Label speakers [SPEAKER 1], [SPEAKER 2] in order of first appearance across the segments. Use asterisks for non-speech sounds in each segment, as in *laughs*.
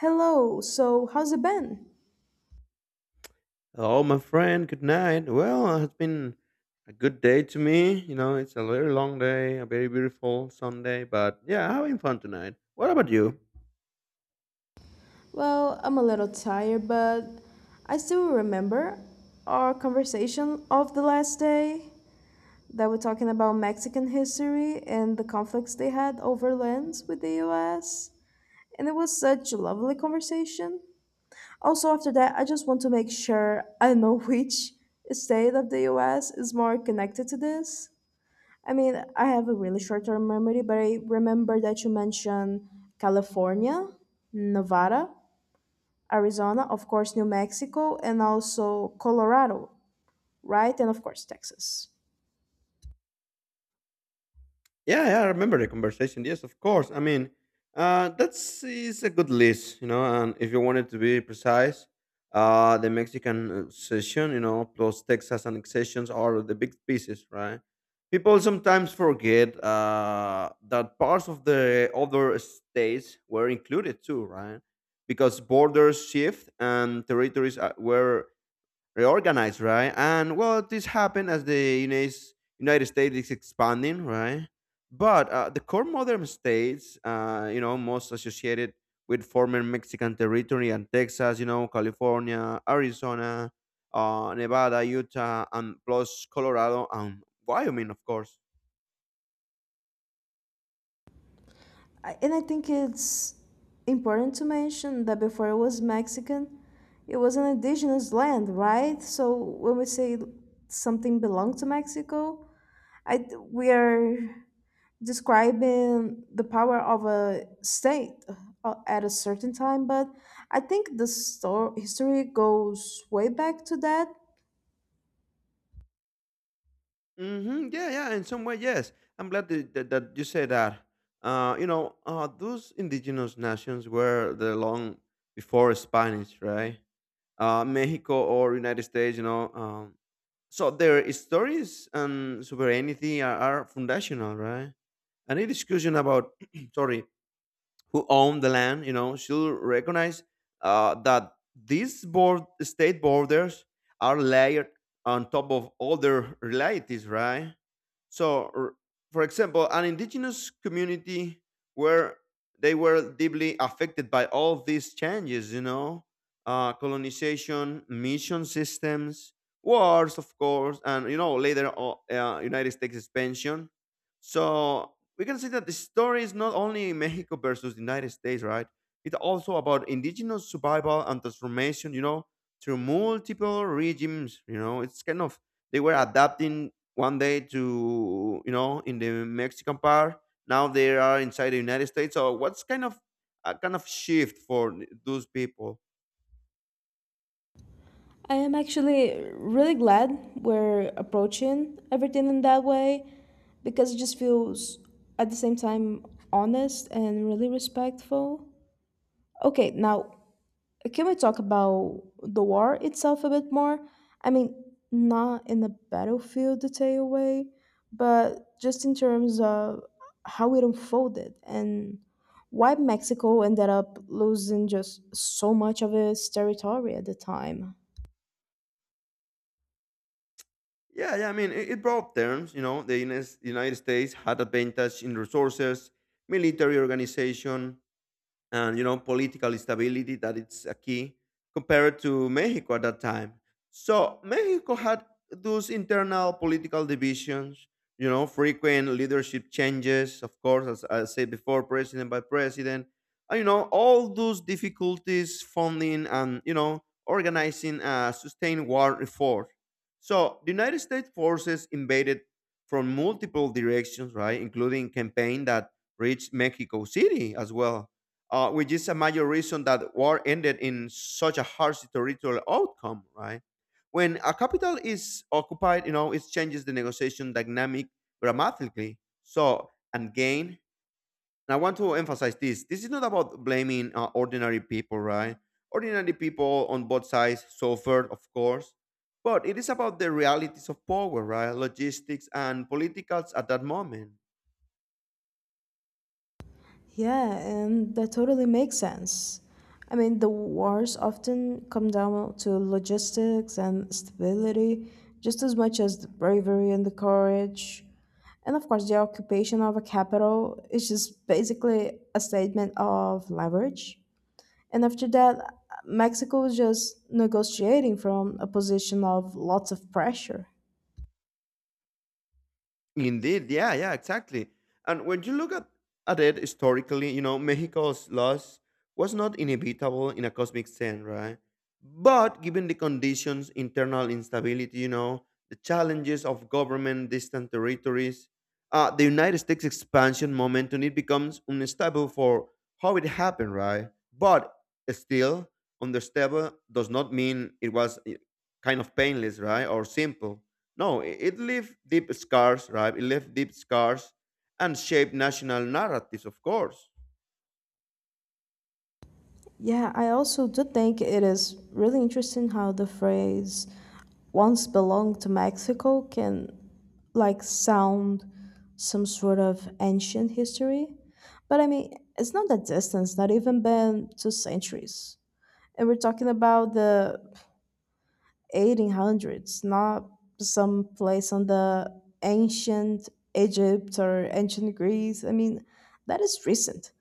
[SPEAKER 1] Hello, so how's it been?
[SPEAKER 2] Hello, my friend. Good night. Well, it's been a good day to me. You know, it's a very long day, a very beautiful Sunday, but yeah, having fun tonight. What about you?
[SPEAKER 1] Well, I'm a little tired, but I still remember our conversation of the last day that we're talking about Mexican history and the conflicts they had over lands with the US. And it was such a lovely conversation. Also, after that, I just want to make sure I know *laughs* which state of the US is more connected to this. I mean, I have a really short term memory, but I remember that you mentioned California, Nevada, Arizona, of course, New Mexico, and also Colorado, right? And of course, Texas.
[SPEAKER 2] Yeah, yeah, I remember the conversation. Yes, of course. I mean, that's is a good list, you know. And if you wanted to be precise, the Mexican session, you know, plus Texas annexations are the big pieces, right? People sometimes forget that parts of the other states were included too, right? Because borders shift and territories were reorganized, right? And well, this happened as the United States is expanding, right? But the core modern states, you know, most associated with former Mexican territory and Texas, you know, California, Arizona, Nevada, Utah, and plus Colorado and Wyoming, of course.
[SPEAKER 1] And I think it's important to mention that before it was Mexican, it was an indigenous land, right? So when we say something belonged to Mexico, I, we are describing the power of a state at a certain time, but I think the history goes way back to that.
[SPEAKER 2] Hmm. Yeah, yeah, in some way, yes. I'm glad that you say that. You know, those indigenous nations were there long before Spanish, right? Mexico or United States, you know. So their stories and sovereignty are foundational, right? Any discussion about *clears throat* sorry who own the land, you know, should recognize that these state borders are layered on top of other realities, right? So, for example, an indigenous community where they were deeply affected by all these changes, you know, colonization, mission systems, wars, of course, and you know later United States expansion. So we can see that the story is not only Mexico versus the United States, right? It's also about indigenous survival and transformation, you know, through multiple regimes, you know. It's kind of they were adapting one day to, you know, in the Mexican part. Now they are inside the United States. So what's kind of a shift for those people?
[SPEAKER 1] I am actually really glad we're approaching everything in that way because it just feels at the same time honest and really respectful. Okay, now can we talk about the war itself a bit more? I mean, not in a battlefield detail way, but just in terms of how it unfolded and why Mexico ended up losing just so much of its territory at the time.
[SPEAKER 2] Yeah, yeah. I mean, it brought terms. You know, the United States had advantage in resources, military organization, and you know political stability that it's a key compared to Mexico at that time. So Mexico had those internal political divisions, you know, frequent leadership changes, of course, as I said before, president by president, and you know, all those difficulties funding and you know organizing a sustained war effort. So the United States forces invaded from multiple directions, right, including campaign that reached Mexico City as well, which is a major reason that war ended in such a harsh territorial outcome, right? When a capital is occupied, you know, it changes the negotiation dynamic dramatically. So, and gain, and I want to emphasize this is not about blaming ordinary people, right? Ordinary people on both sides suffered, of course, but it is about the realities of power, right? Logistics and politicals at that moment.
[SPEAKER 1] Yeah, and that totally makes sense. I mean, the wars often come down to logistics and stability, just as much as the bravery and the courage. And of course, the occupation of a capital is just basically a statement of leverage. And after that, Mexico was just negotiating from a position of lots of pressure.
[SPEAKER 2] Indeed, yeah, yeah, exactly. And when you look at it historically, you know, Mexico's loss was not inevitable in a cosmic sense, right? But given the conditions, internal instability, you know, the challenges of government, distant territories, the United States expansion momentum, it becomes unstable for how it happened, right? But still, unstable does not mean it was kind of painless, right? Or simple no, it left deep scars, right? It left deep scars and shaped national narratives, of course.
[SPEAKER 1] Yeah, I also do think it is really interesting how the phrase once belonged to Mexico can like sound some sort of ancient history. But I mean, it's not that distance, not even been two centuries. And we're talking about the 1800s, not some place on the ancient Egypt or ancient Greece. I mean, that is recent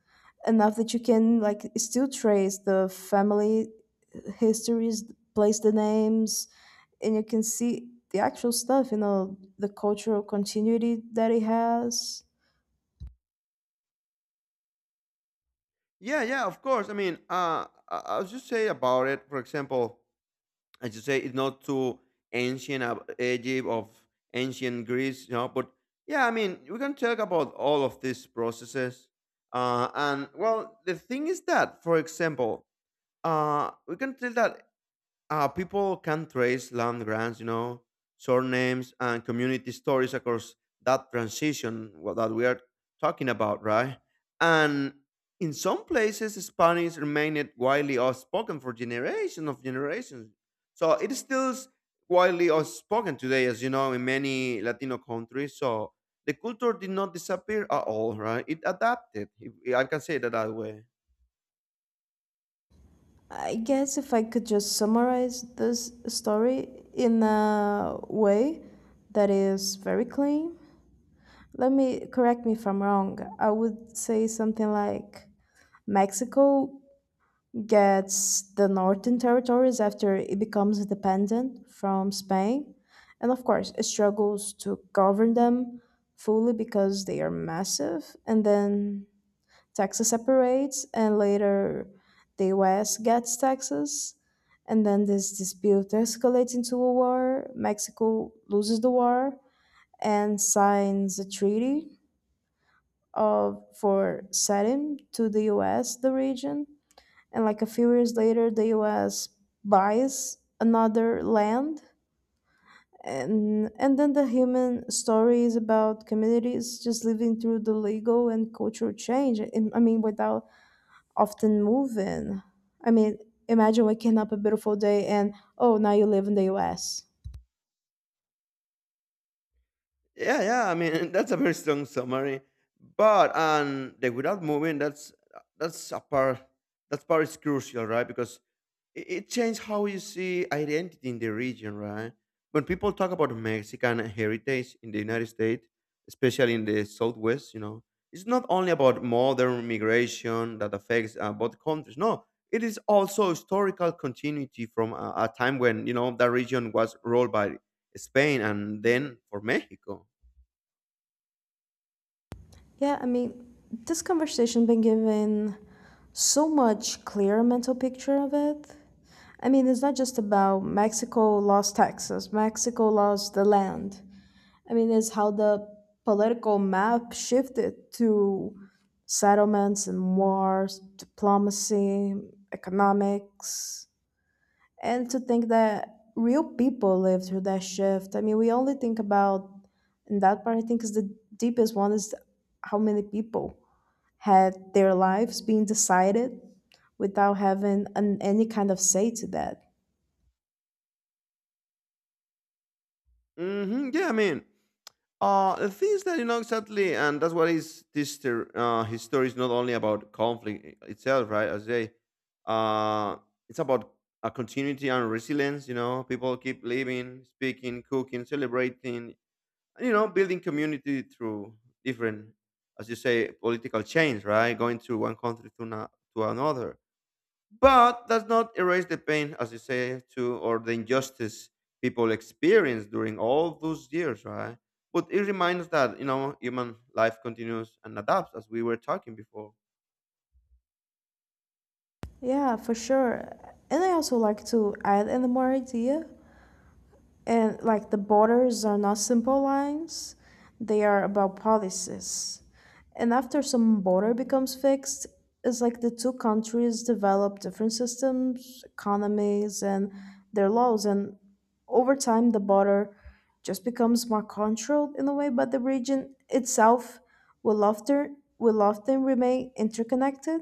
[SPEAKER 1] enough that you can like still trace the family histories, place the names, and you can see the actual stuff, you know, the cultural continuity that it has.
[SPEAKER 2] Yeah, yeah, of course. I mean, I'll just say about it. For example, as you say, it's not too ancient of Egypt of ancient Greece, you know. But yeah, I mean, we can talk about all of these processes. And well, the thing is that, for example, we can tell that people can trace land grants, you know, surnames and community stories across that transition that we are talking about, right? And in some places, Spanish remained widely outspoken for generations of generations. So it is still widely outspoken today, as you know, in many Latino countries. So the culture did not disappear at all, right? It adapted. If, I can say that that way.
[SPEAKER 1] I guess if I could just summarize this story in a way that is very clean, let me correct me if I'm wrong. I would say something like Mexico gets the northern territories after it becomes independent from Spain, and of course, it struggles to govern them fully because they are massive. And then Texas separates, and later the U.S. gets Texas, and then this dispute escalates into a war. Mexico loses the war and signs a treaty of for setting to the U.S. the region, and like a few years later the US buys another land, and then the human story is about communities just living through the legal and cultural change, and, I mean, without often moving. I mean, imagine waking up a beautiful day and oh, now you live in the US.
[SPEAKER 2] Yeah, yeah. I mean, *laughs* that's a very strong summary. But and the without moving, that's a part. That part is crucial, right? Because it changed how you see identity in the region, right? When people talk about Mexican heritage in the United States, especially in the Southwest, you know, it's not only about modern migration that affects both countries. No, it is also historical continuity from a time when you know that region was ruled by Spain and then for Mexico.
[SPEAKER 1] Yeah, I mean this conversation been giving so much clearer mental picture of it. I mean, it's not just about Mexico lost Texas, Mexico lost the land. I mean, is how the political map shifted to settlements and wars, diplomacy, economics, and to think that real people lived through that shift. I mean, we only think about, and that part I think is the deepest one, is how many people had their lives being decided without having an, any kind of say to that.
[SPEAKER 2] Hmm. Yeah, I mean, the things that you know exactly, and that's what is this his story is not only about conflict itself, right? As they, uh, it's about a continuity and resilience. You know, people keep living, speaking, cooking, celebrating, and you know, building community through different, as you say, political change, right? Going to one country to to another. But does not erase the pain, as you say, to or the injustice people experienced during all those years, right? But it reminds that you know human life continues and adapts, as we were talking before.
[SPEAKER 1] Yeah, for sure. And I also like to add another more idea, and like the borders are not simple lines, they are about policies, and after some border becomes fixed it's like the two countries develop different systems, economies, and their laws, and over time the border just becomes more controlled in a way, but the region itself will often remain interconnected.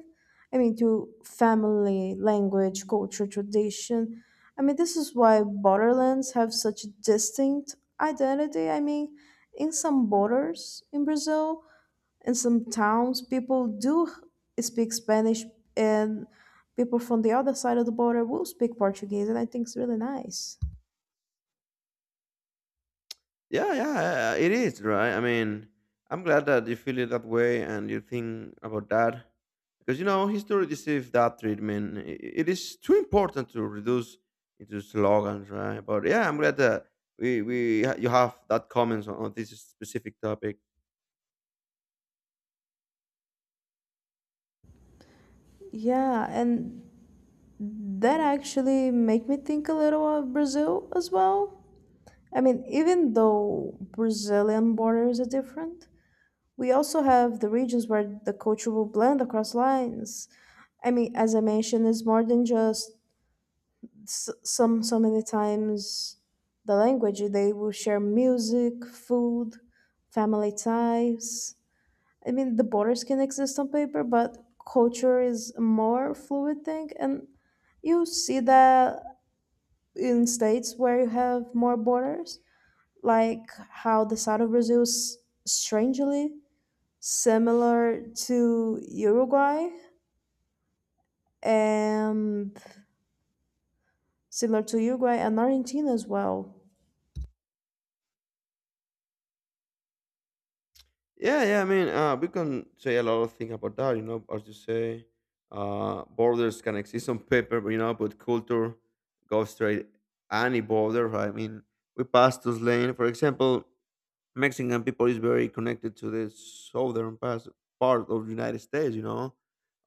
[SPEAKER 1] I mean through family, language, culture, tradition. I mean, this is why borderlands have such a distinct identity. I mean, in some borders in Brazil, in some towns, people do speak Spanish, and people from the other side of the border will speak Portuguese, and I think it's really nice.
[SPEAKER 2] Yeah, yeah, it is, right? I mean, I'm glad that you feel it that way and you think about that because you know history deceives that treatment. It is too important to reduce into slogans, right? But yeah, I'm glad that we you have that comments on this specific topic.
[SPEAKER 1] Yeah, and that actually make me think a little of Brazil as well. I mean, even though Brazilian borders are different, we also have the regions where the culture will blend across lines. I mean, as I mentioned, it's more than just s- some. So many times, the language they will share music, food, family ties. I mean, the borders can exist on paper, but culture is a more fluid thing, and you see that in states where you have more borders, like how the south of Brazil is strangely similar to Uruguay and similar to Uruguay and Argentina as well.
[SPEAKER 2] Yeah, yeah. I mean, we can say a lot of things about that. You know, as you say, borders can exist on paper, but you know, but culture goes straight any border. Right? I mean, we pass those lane, for example. Mexican people is very connected to the southern part of the United States, you know,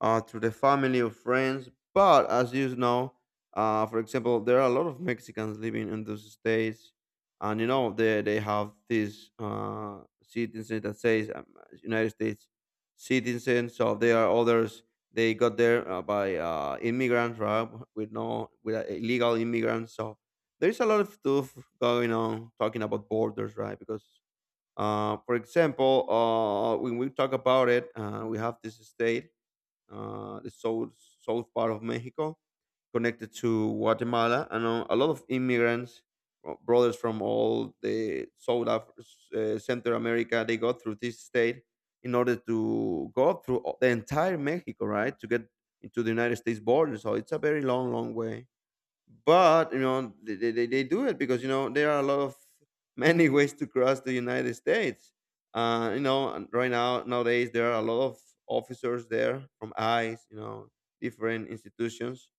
[SPEAKER 2] through the family or friends. But as you know, for example, there are a lot of Mexicans living in those states, and you know they have this citizen that says United States citizen. So there are others. They got there by immigrants, right? With no, with illegal immigrants. So there's a lot of stuff going on talking about borders, right? Because for example, when we talk about it, we have this state, the south part of Mexico, connected to Guatemala, and a lot of immigrants, brothers from all the Central America, they go through this state in order to go through the entire Mexico, right, to get into the United States border. So it's a very long, long way, but you know they do it because you know there are a lot of *laughs* many ways to cross the United States, you know. And right now, nowadays, there are a lot of officers there from ICE, you know, different institutions,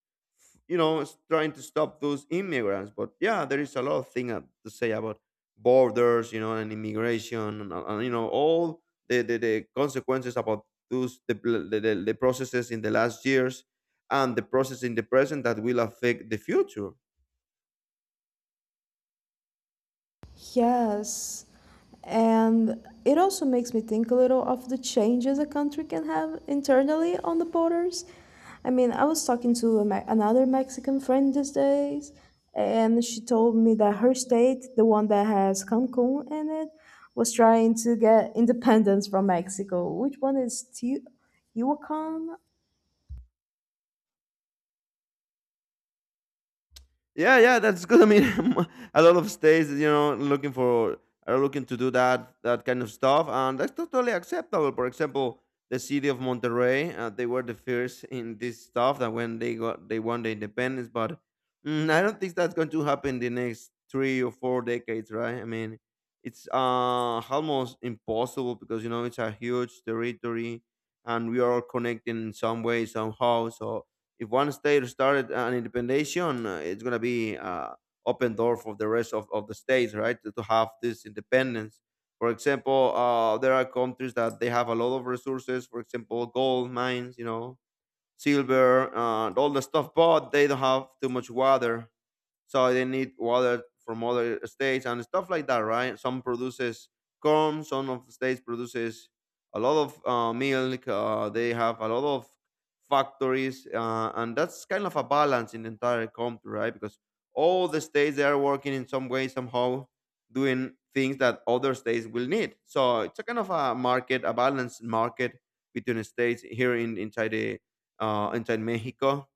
[SPEAKER 2] you know, trying to stop those immigrants. But yeah, there is a lot of thing to say about borders, you know, and immigration, and you know, all the consequences about those the processes in the last years and the process in the present that will affect the future.
[SPEAKER 1] Yes. And it also makes me think a little of the changes a country can have internally on the borders. I mean, I was talking to a another Mexican friend these days, and she told me that her state, the one that has Cancun in it, was trying to get independence from Mexico. Which one is Yucatan?
[SPEAKER 2] Yeah, yeah, that's good. I mean, *laughs* a lot of states, you know, looking for are looking to do that kind of stuff, and that's totally acceptable. For example, the city of Monterrey, they were the first in this stuff that when they got they won the independence, but I don't think that's going to happen the next three or four decades, right? I mean, it's almost impossible because you know it's a huge territory, and we are all connected in some way somehow, so if one state started an independation, it's gonna be open door for the rest of the states, right? To have this independence. For example, there are countries that they have a lot of resources. For example, gold mines, you know, silver, and all the stuff, but they don't have too much water, so they need water from other states and stuff like that, right? Some produces corn, some of the states produces a lot of milk, they have a lot of factories, and that's kind of a balance in the entire country, right? Because all the states they are working in some way somehow, doing things that other states will need, so it's a kind of a market, a balanced market between states here, in inside the inside Mexico.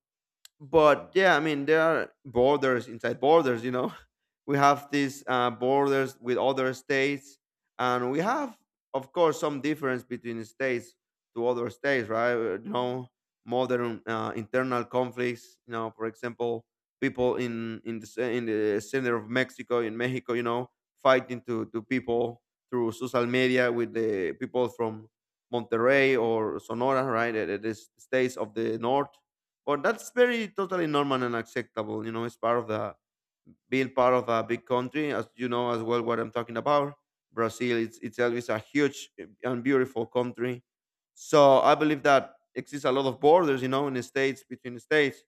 [SPEAKER 2] But yeah, I mean there are borders inside borders. You know, *laughs* we have these borders with other states, and we have, of course, some difference between states to other states, right? You know, modern internal conflicts. You know, for example, people in the center of Mexico, in Mexico, you know, fighting to people through social media with the people from Monterrey or Sonora, right? The states of the north. But that's very totally normal and acceptable, you know. It's part of the being part of a big country, as you know as well, what I'm talking about. Brazil, itself is a huge and beautiful country. So I believe that exists a lot of borders, you know, in the states, between the states.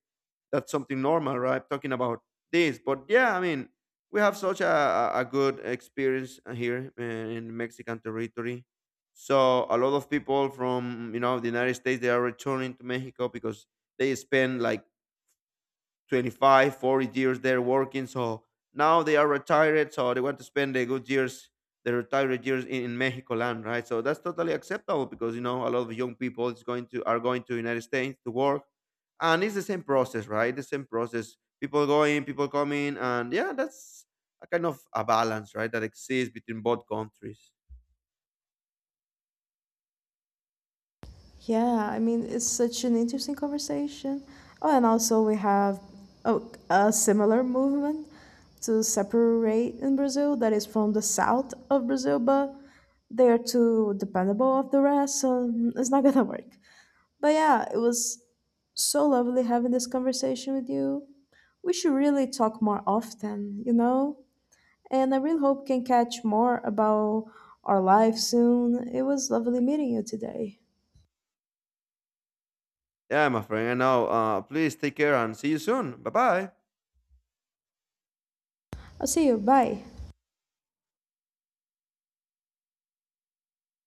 [SPEAKER 2] That's something normal, right, talking about this. But yeah, I mean, we have such a good experience here, in Mexican territory. So a lot of people from, you know, the United States, they are returning to Mexico because they spend like 25, forty 40 years there working. So now they are retired. So they want to spend their good years, their retired years in Mexico land, right? So that's totally acceptable because, you know, a lot of young people is going to are going to United States to work. And it's the same process, right? The same process. People going, people coming. And yeah, that's a kind of a balance, right? That exists between both countries.
[SPEAKER 1] Yeah, I mean, it's such an interesting conversation. Oh, and also we have oh, a similar movement to separate in Brazil that is from the south of Brazil, but they are too dependable of the rest, so it's not *laughs* gonna work. But yeah, it was so lovely having this conversation with you. We should really talk more often, you know? And I really hope we can catch more about our life soon. It was lovely meeting you today.
[SPEAKER 2] Yeah, my friend. And now, please take care and see you soon. Bye bye.
[SPEAKER 1] I'll see you. Bye.